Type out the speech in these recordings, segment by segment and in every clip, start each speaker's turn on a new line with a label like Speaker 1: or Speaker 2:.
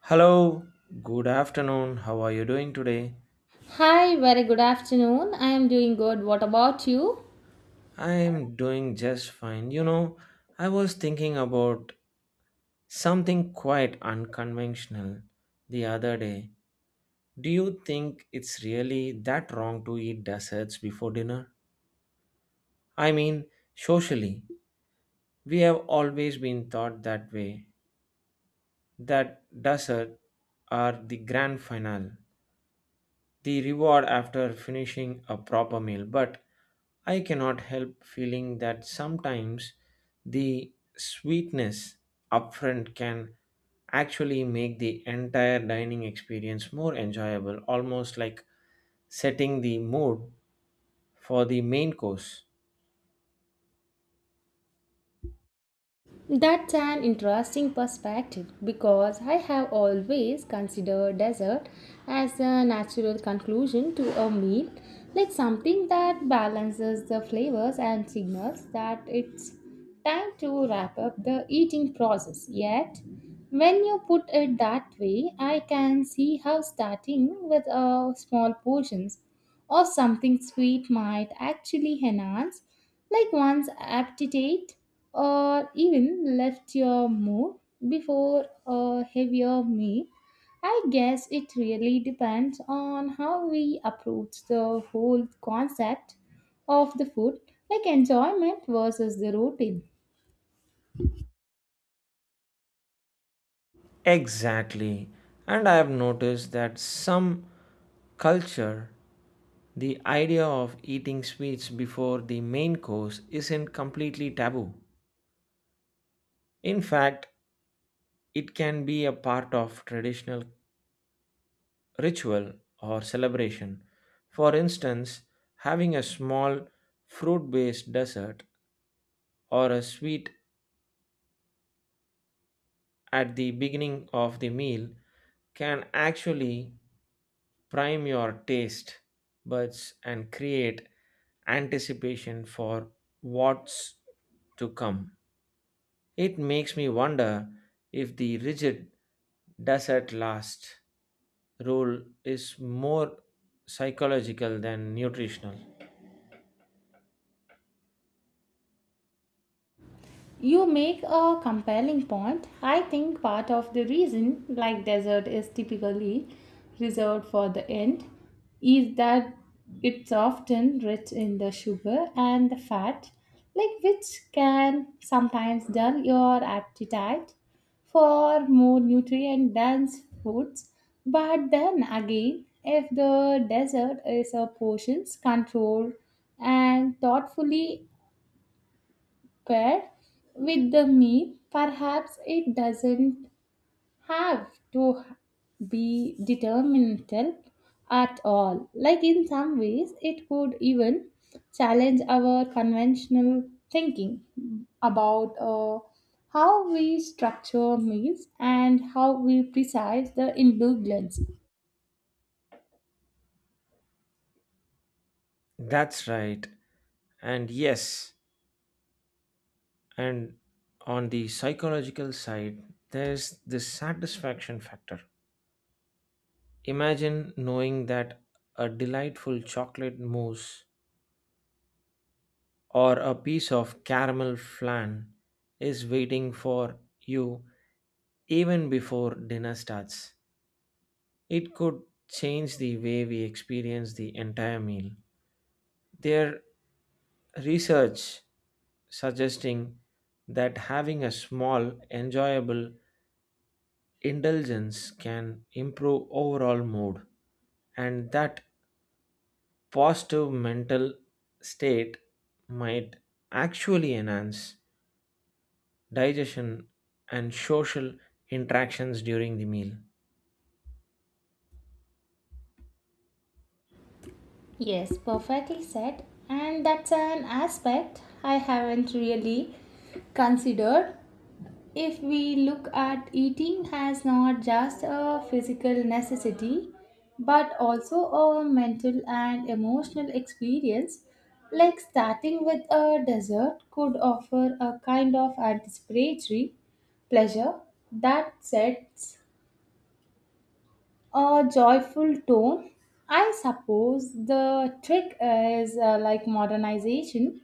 Speaker 1: Hello, good afternoon. How are you doing today?
Speaker 2: Hi, very good afternoon. I am doing good. What about you?
Speaker 1: I'm doing just fine. You know, I was thinking about something quite unconventional the other day. Do you think it's really that wrong to eat desserts before dinner? I mean, socially, we have always been taught that way, that desserts are the grand finale, the reward after finishing a proper meal, but I cannot help feeling that sometimes the sweetness upfront can actually make the entire dining experience more enjoyable, almost like setting the mood for the main course.
Speaker 2: That's an interesting perspective because I have always considered dessert as a natural conclusion to a meal, like something that balances the flavors and signals that it's time to wrap up the eating process. Yet, when you put it that way, I can see how starting with small portions or something sweet might actually enhance, like one's appetite or even lift your mood before a heavier meal. I guess it really depends on how we approach the whole concept of the food, like enjoyment versus the routine.
Speaker 1: Exactly. And I have noticed that some culture, the idea of eating sweets before the main course isn't completely taboo. In fact, it can be a part of traditional ritual or celebration. For instance, having a small fruit based dessert or a sweet at the beginning of the meal can actually prime your taste buds and create anticipation for what's to come. It makes me wonder if the rigid dessert lasts role is more psychological than nutritional.
Speaker 2: You make a compelling point. I think part of the reason, like dessert is typically reserved for the end, is that it's often rich in the sugar and the fat, like which can sometimes dull your appetite for more nutrient dense foods. But then again, if the dessert is a portions controlled and thoughtfully paired with the meal, perhaps it doesn't have to be determinant at all. Like in some ways, it could even challenge our conventional thinking about how we structure meals and how we precise the ingredients.
Speaker 1: That's right. And yes, and on the psychological side, there's this satisfaction factor. Imagine knowing that a delightful chocolate mousse or a piece of caramel flan is waiting for you even before dinner starts. It could change the way we experience the entire meal. Their research suggesting that having a small, enjoyable indulgence can improve overall mood, and that positive mental state might actually enhance digestion and social interactions during the meal.
Speaker 2: Yes, perfectly said. And that's an aspect I haven't really considered. If we look at eating as not just a physical necessity but also a mental and emotional experience, like starting with a dessert could offer a kind of anticipatory pleasure that sets a joyful tone. I suppose the trick is like modernization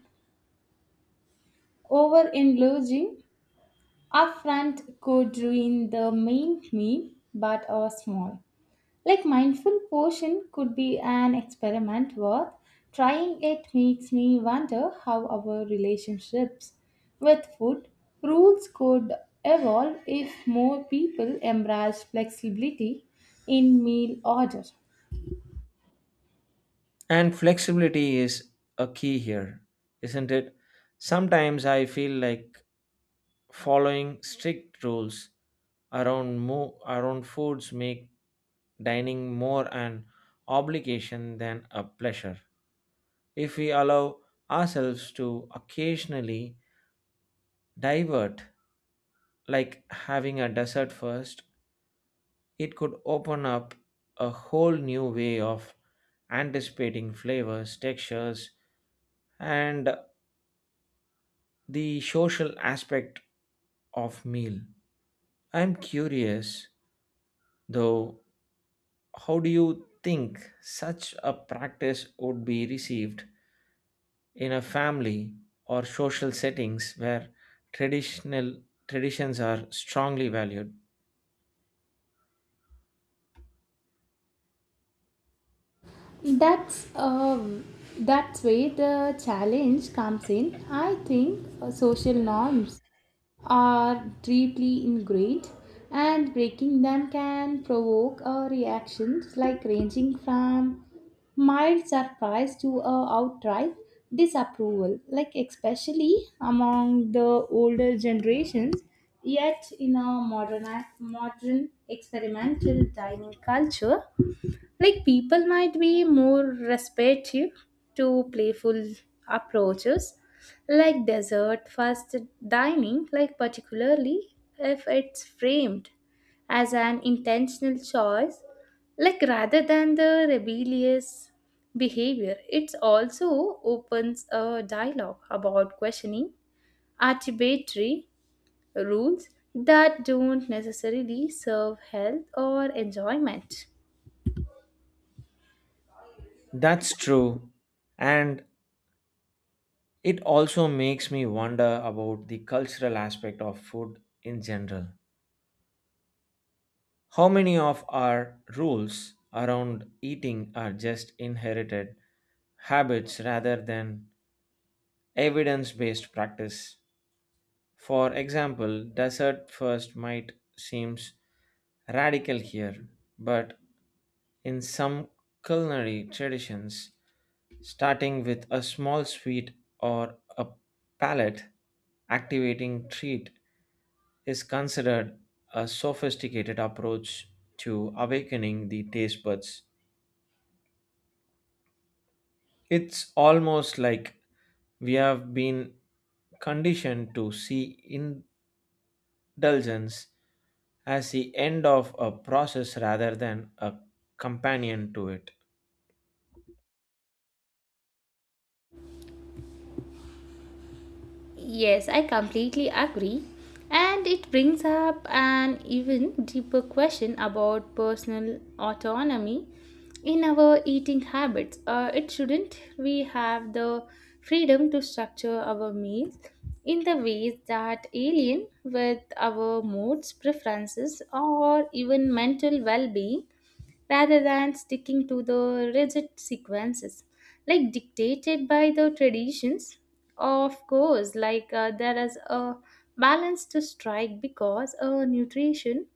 Speaker 2: over indulging upfront could ruin the main meal, but a small, like mindful portion could be an experiment worth trying. It makes me wonder how our relationships with food rules could evolve if more people embrace flexibility in meal order.
Speaker 1: And flexibility is a key here, isn't it? Sometimes I feel like following strict rules around around foods make dining more an obligation than a pleasure. If we allow ourselves to occasionally divert, like having a dessert first, it could open up a whole new way of anticipating flavors, textures, and the social aspect of meal. I'm curious though, how do you think such a practice would be received in a family or social settings where traditional traditions are strongly valued?
Speaker 2: That's um, that's where the challenge comes in. I think social norms are deeply ingrained and breaking them can provoke a reaction like ranging from mild surprise to a outright disapproval, like especially among the older generations. Yet in a modern modern experimental dining culture, like people might be more receptive to playful approaches like dessert first dining, like particularly if it's framed as an intentional choice, like rather than the rebellious behavior. It also opens a dialogue about questioning arbitrary rules that don't necessarily serve health or enjoyment.
Speaker 1: That's true. And it also makes me wonder about the cultural aspect of food in general. How many of our rules around eating are just inherited habits rather than evidence based practice? For example, desert first might seems radical here, but in some culinary traditions, starting with a small sweet or a palate activating treat is considered a sophisticated approach to awakening the taste buds. It's almost like we have been conditioned to see indulgence as the end of a process rather than a companion to it.
Speaker 2: Yes, I completely agree. And it brings up an even deeper question about personal autonomy in our eating habits. It shouldn't we have the freedom to structure our meals in the ways that align with our moods, preferences, or even mental well being rather than sticking to the rigid sequences, like dictated by the traditions. Of course, like there is a balance to strike because nutrition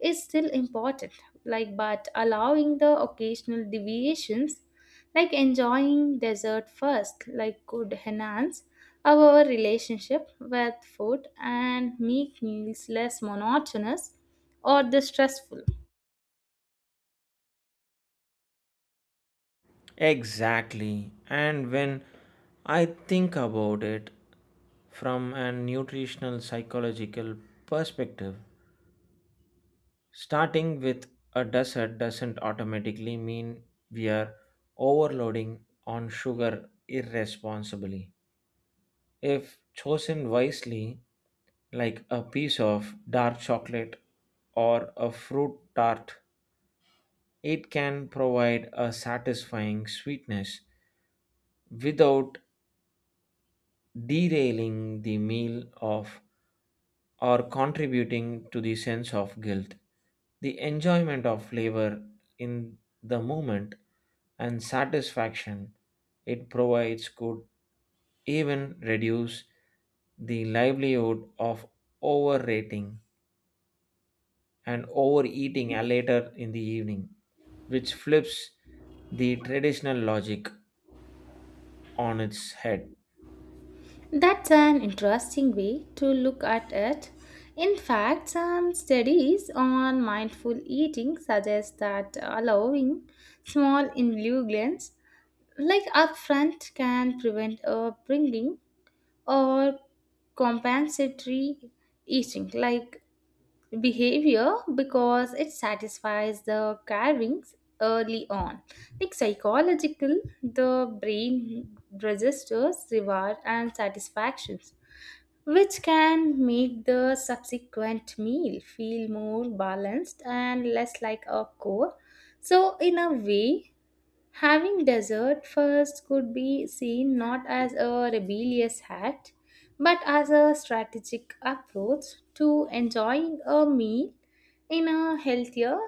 Speaker 2: is still important, like but allowing the occasional deviations, like enjoying dessert first, like could enhance our relationship with food and make meals less monotonous or the stressful.
Speaker 1: Exactly. And when I think about it from a nutritional psychological perspective, starting with a dessert doesn't automatically mean we are overloading on sugar irresponsibly. If chosen wisely, like a piece of dark chocolate or a fruit tart, it can provide a satisfying sweetness without derailing the meal of or contributing to the sense of guilt. The enjoyment of flavor in the moment and satisfaction it provides could even reduce the livelihood of overrating and overeating later in the evening, which flips the traditional logic on its head.
Speaker 2: That's an interesting way to look at it. In fact, some studies on mindful eating suggest that allowing small indulgences like upfront can prevent upbringing or compensatory eating like behavior because it satisfies the cravings early on. Like psychological, the brain registers reward and satisfactions which can make the subsequent meal feel more balanced and less like a chore. So, in a way, having dessert first could be seen not as a rebellious act but as a strategic approach to enjoying a meal in a healthier,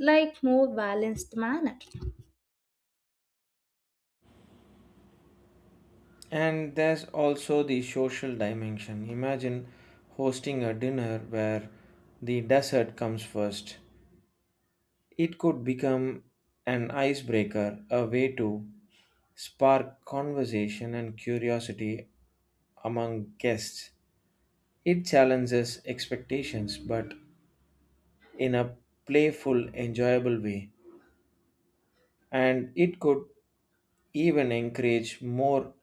Speaker 2: like more balanced manner.
Speaker 1: And there's also the social dimension. Imagine hosting a dinner where the dessert comes first. It could become an icebreaker, a way to spark conversation and curiosity among guests. It challenges expectations, but in a playful, enjoyable way. And it could even encourage more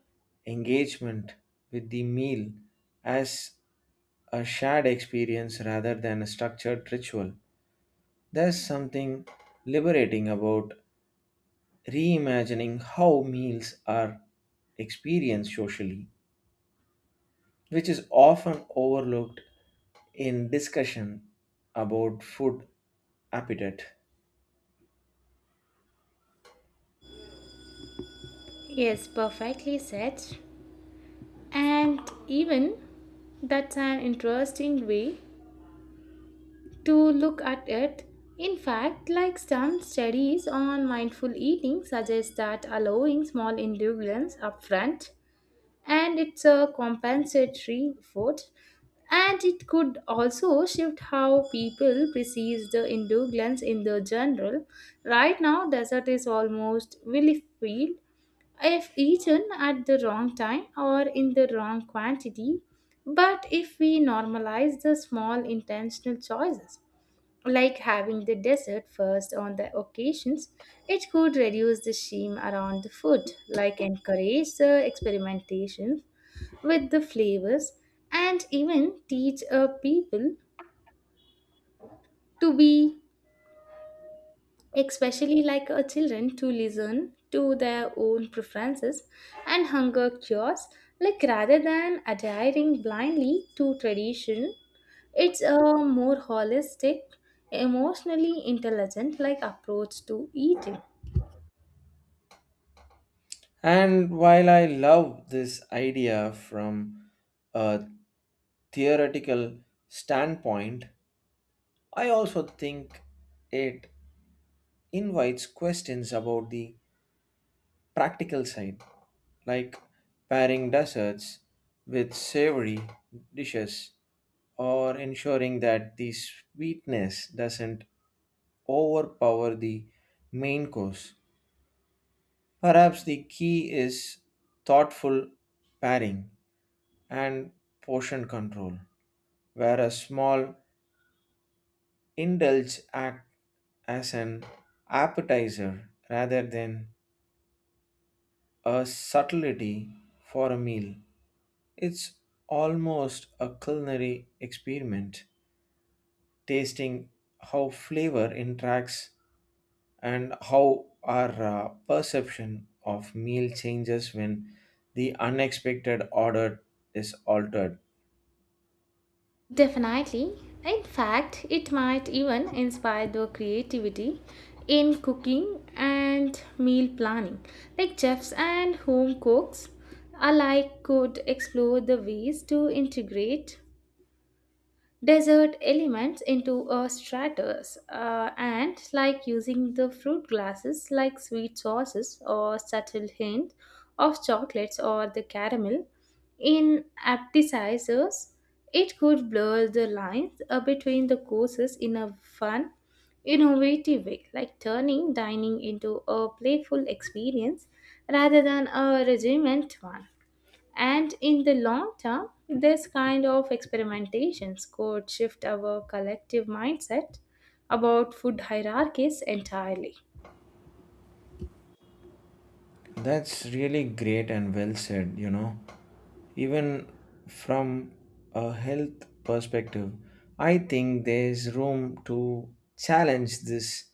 Speaker 1: engagement with the meal as a shared experience rather than a structured ritual. There's something liberating about reimagining how meals are experienced socially, which is often overlooked in discussion about food appetite.
Speaker 2: Yes, perfectly said. And even that's an interesting way to look at it. In fact, like some studies on mindful eating suggest that allowing small indulgence upfront and it's a compensatory effort and it could also shift how people perceive the indulgence in the general. Right now, dessert is almost willy free if eaten at the wrong time or in the wrong quantity. But if we normalize the small intentional choices, like having the dessert first on the occasions, it could reduce the shame around the food, like encourage the experimentation with the flavors, and even teach people to be especially like a children to listen to their own preferences and hunger cures, like rather than adhering blindly to tradition. It's a more holistic emotionally intelligent like approach to eating.
Speaker 1: And while I love this idea from a theoretical standpoint, I also think it invites questions about the practical side, like pairing desserts with savory dishes or ensuring that the sweetness doesn't overpower the main course. Perhaps the key is thoughtful pairing and portion control, where a small indulge act as an appetizer rather than a subtlety for a meal. It's almost a culinary experiment, tasting how flavor interacts and how our perception of meal changes when the unexpected order is altered.
Speaker 2: Definitely. In fact, it might even inspire the creativity in cooking and meal planning. Like chefs and home cooks alike could explore the ways to integrate desert elements into a stratus, and like using the fruit glasses like sweet sauces or subtle hint of chocolates or the caramel in appetizers. It could blur the lines between the courses in a fun innovative way, like turning dining into a playful experience rather than a regiment one. And in the long term, this kind of experimentations could shift our collective mindset about food hierarchies entirely.
Speaker 1: That's really great and well said, you know. Even from a health perspective, I think there's room to challenge this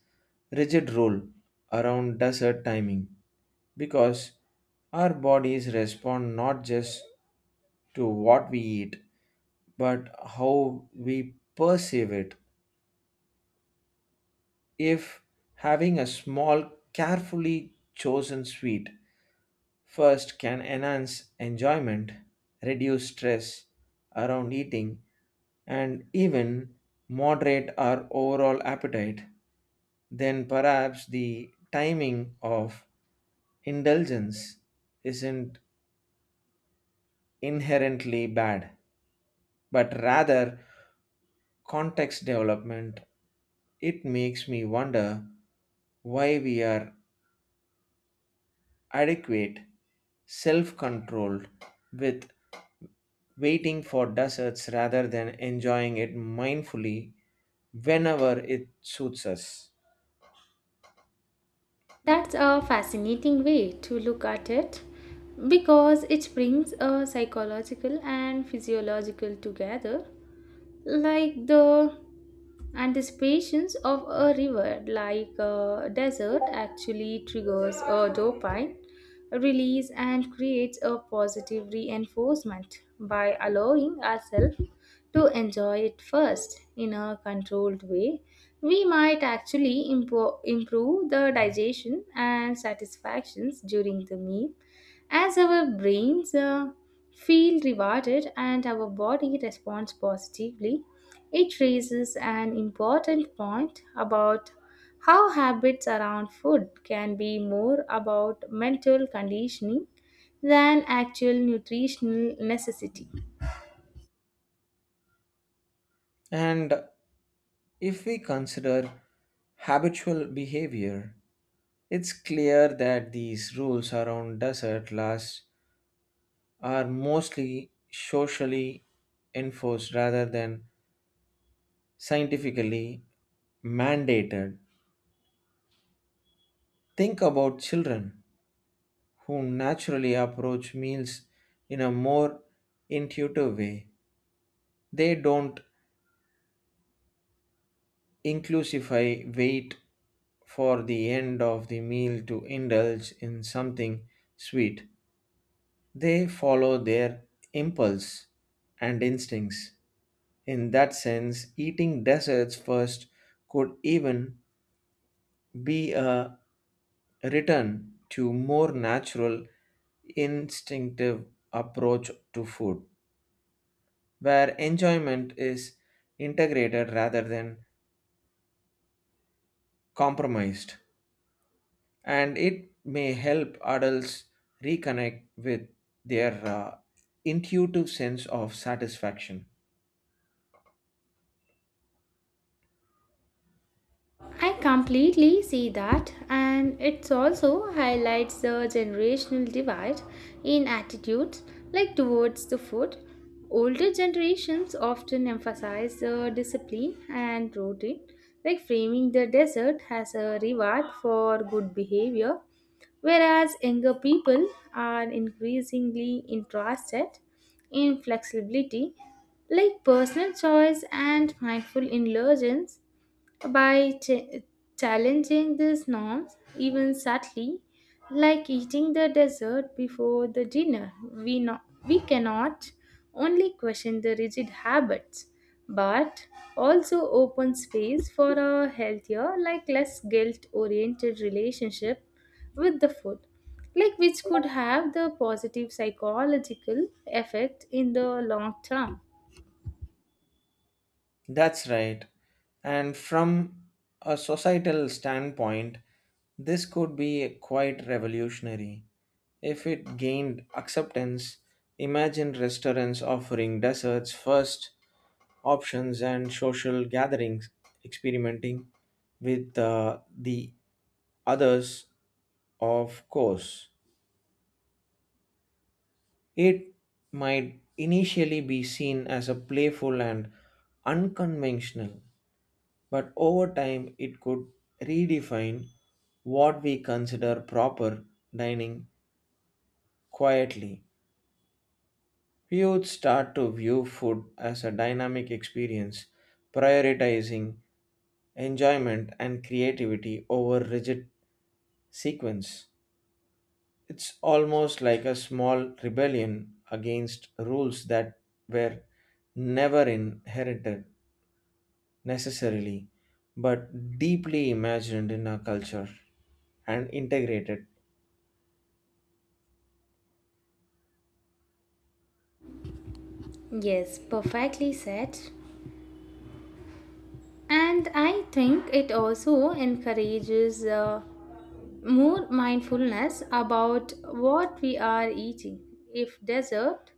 Speaker 1: rigid rule around dessert timing, because our bodies respond not just to what we eat, but how we perceive it. If having a small, carefully chosen sweet first can enhance enjoyment, reduce stress around eating, and even moderate our overall appetite, then perhaps the timing of indulgence isn't inherently bad, but rather context development. It makes me wonder why we are adequate, self controlled, with waiting for deserts rather than enjoying it mindfully whenever it suits us.
Speaker 2: That's a fascinating way to look at it because it brings a psychological and physiological together, like the anticipations of a reward like a desert actually triggers a dopamine release and creates a positive reinforcement. By allowing ourselves to enjoy it first in a controlled way, we might actually improve the digestion and satisfactions during the meal as our brains feel rewarded and our body responds positively. It raises an important point about how habits around food can be more about mental conditioning than actual nutritional necessity.
Speaker 1: And if we consider habitual behavior, it's clear that these rules around desert lasts are mostly socially enforced rather than scientifically mandated. Think about children who naturally approach meals in a more intuitive way. They don't inclusify wait for the end of the meal to indulge in something sweet. They follow their impulse and instincts. In that sense, eating desserts first could even be a return to more natural instinctive approach to food, where enjoyment is integrated rather than compromised. And it may help adults reconnect with their intuitive sense of satisfaction.
Speaker 2: I completely see that, and it also highlights the generational divide in attitudes, like towards the food. Older generations often emphasize the discipline and routine, like framing the desert as a reward for good behavior, whereas younger people are increasingly interested in flexibility, like personal choice and mindful indulgence. By challenging these norms, even subtly, like eating the dessert before the dinner, we cannot only question the rigid habits, but also open space for a healthier, like less guilt oriented relationship with the food, like which could have the positive psychological effect in the long term.
Speaker 1: That's right. And from a societal standpoint, this could be quite revolutionary if it gained acceptance. Imagine restaurants offering desserts first options and social gatherings, experimenting with the others, of course. It might initially be seen as a playful and unconventional, but over time it could redefine what we consider proper dining quietly. We would start to view food as a dynamic experience, prioritizing enjoyment and creativity over rigid sequence. It's almost like a small rebellion against rules that were never inherited necessarily, but deeply imagined in our culture and integrated.
Speaker 2: Yes, perfectly said. And I think it also encourages more mindfulness about what we are eating. If dessert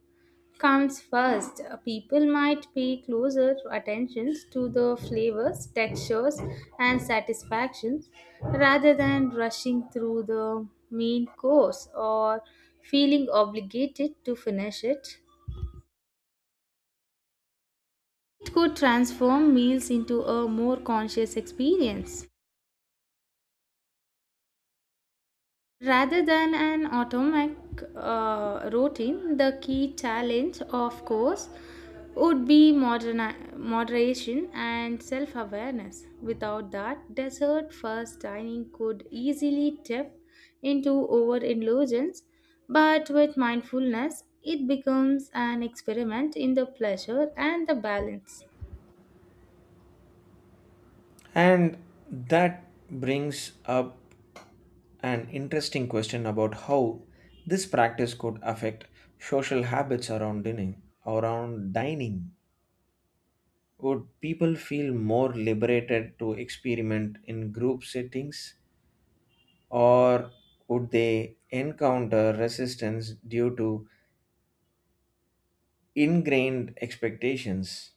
Speaker 2: comes first, people might pay closer attention to the flavors, textures, and satisfactions rather than rushing through the main course or feeling obligated to finish it. It could transform meals into a more conscious experience rather than an automatic routine. The key challenge, of course, would be moderation and self awareness. Without that, dessert first dining could easily tip into overindulgence, but with mindfulness, it becomes an experiment in the pleasure and the balance.
Speaker 1: And that brings up an interesting question about how this practice could affect social habits around dining. Around dining, would people feel more liberated to experiment in group settings? Or would they encounter resistance due to ingrained expectations?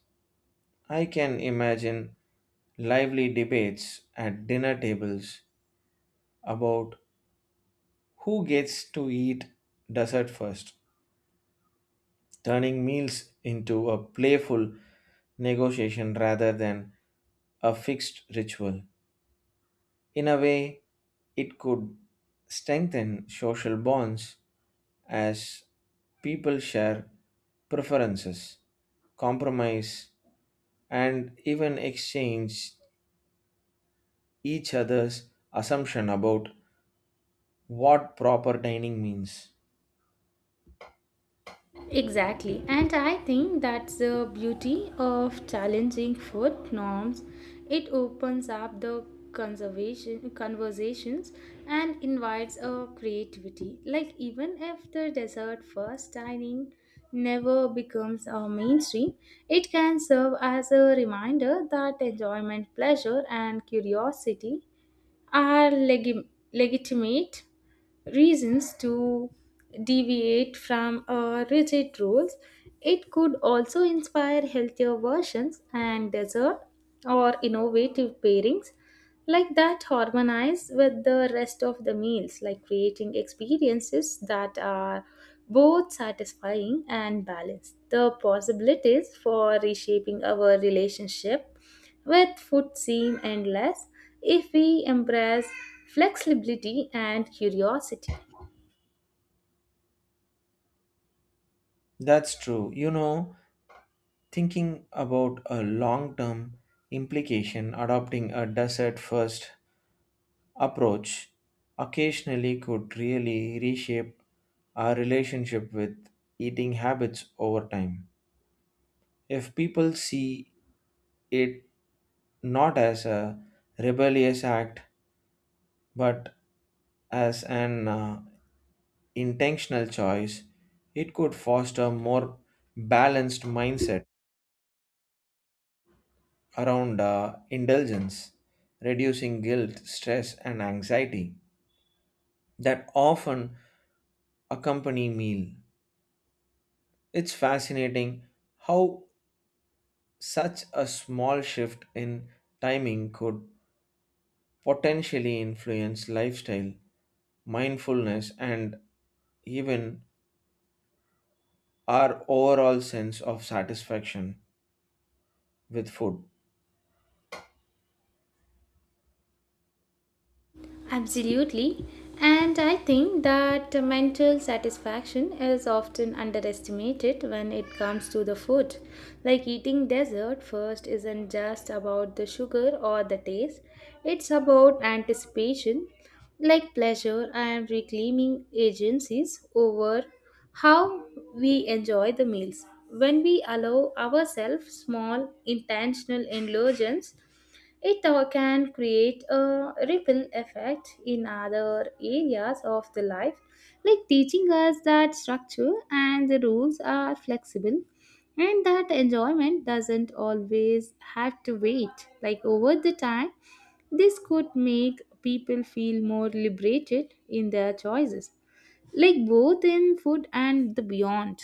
Speaker 1: I can imagine lively debates at dinner tables about who gets to eat dessert first, turning meals into a playful negotiation rather than a fixed ritual. In a way, it could strengthen social bonds as people share preferences, compromise, and even exchange each other's assumption about what proper dining means.
Speaker 2: Exactly, and I think that's the beauty of challenging food norms. It opens up the conservation conversations and invites a creativity. Like even if the dessert first dining never becomes a mainstream, it can serve as a reminder that enjoyment, pleasure, and curiosity are legitimate reasons to deviate from rigid rules. It could also inspire healthier versions and dessert or innovative pairings like that harmonize with the rest of the meals, like creating experiences that are both satisfying and balanced. The possibilities for reshaping our relationship with food seem endless if we embrace flexibility and curiosity.
Speaker 1: That's true. You know, thinking about a long term implication, adopting a dessert first approach occasionally could really reshape our relationship with eating habits over time. If people see it not as a rebellious act but as an intentional choice, it could foster more balanced mindset around indulgence, reducing guilt, stress, and anxiety that often accompany meal. It's fascinating how such a small shift in timing could potentially influence lifestyle, mindfulness, and even our overall sense of satisfaction with food.
Speaker 2: Absolutely. And I think that mental satisfaction is often underestimated when it comes to the food. Like eating dessert first isn't just about the sugar or the taste, it's about anticipation, like pleasure and reclaiming agencies over how we enjoy the meals. When we allow ourselves small intentional indulgence, it can create a ripple effect in other areas of the life, like teaching us that structure and the rules are flexible and that enjoyment doesn't always have to wait. Like over the time, this could make people feel more liberated in their choices, like both in food and the beyond.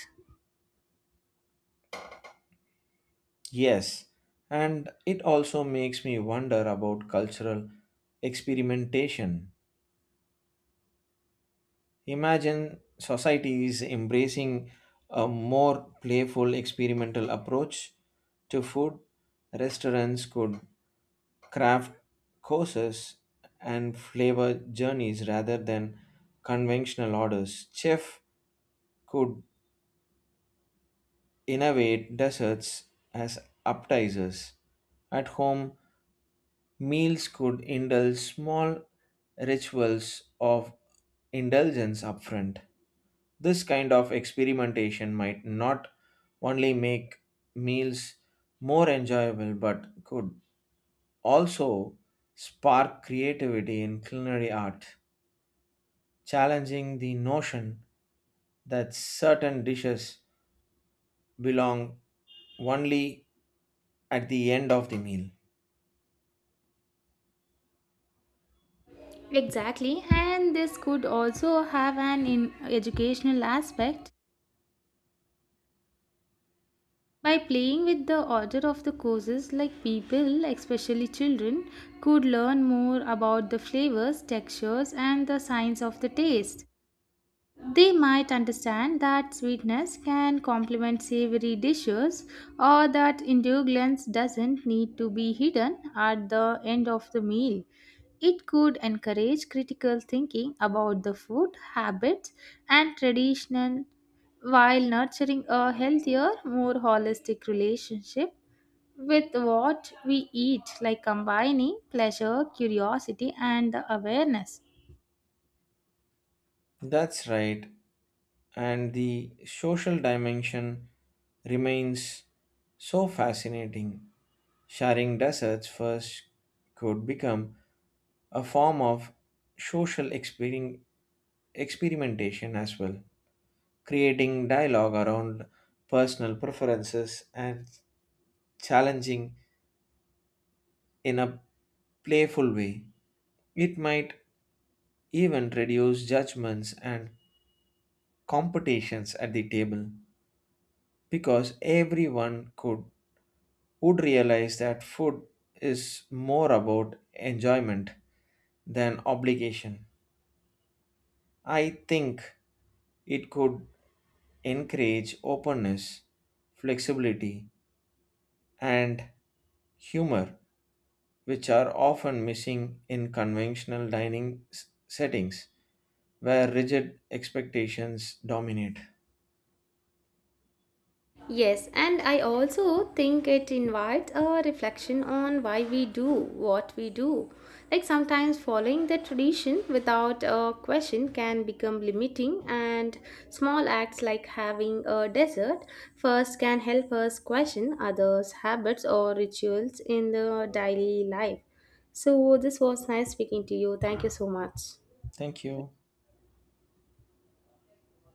Speaker 1: Yes, and it also makes me wonder about cultural experimentation. Imagine societies embracing a more playful experimental approach to food. Restaurants could craft courses and flavor journeys rather than conventional orders. Chef could innovate desserts as appetizers. At home, meals could indulge small rituals of indulgence upfront. This kind of experimentation might not only make meals more enjoyable but could also spark creativity in culinary art, challenging the notion that certain dishes belong only at the end of the meal.
Speaker 2: Exactly, and this could also have an educational aspect. By playing with the order of the courses, like people, especially children, could learn more about the flavors, textures, and the science of the taste. They might understand that sweetness can complement savory dishes or that indulgence doesn't need to be hidden at the end of the meal. It could encourage critical thinking about the food, habits, and tradition while nurturing a healthier, more holistic relationship with what we eat, like combining pleasure, curiosity, and the awareness.
Speaker 1: That's right, and the social dimension remains so fascinating. Sharing desserts first could become a form of social experin- experimentation as well, creating dialogue around personal preferences and challenging in a playful way. It might even reduce judgments and competitions at the table because everyone could would realize that food is more about enjoyment than obligation. I think it could encourage openness, flexibility, and humor, which are often missing in conventional s- settings where rigid expectations dominate.
Speaker 2: Yes, and I also think it invites a reflection on why we do what we do. Like sometimes following the tradition without a question can become limiting, and small acts like having a dessert first can help us question others' habits or rituals in the daily life. So, this was nice speaking to you. Thank you so much.
Speaker 1: Thank you.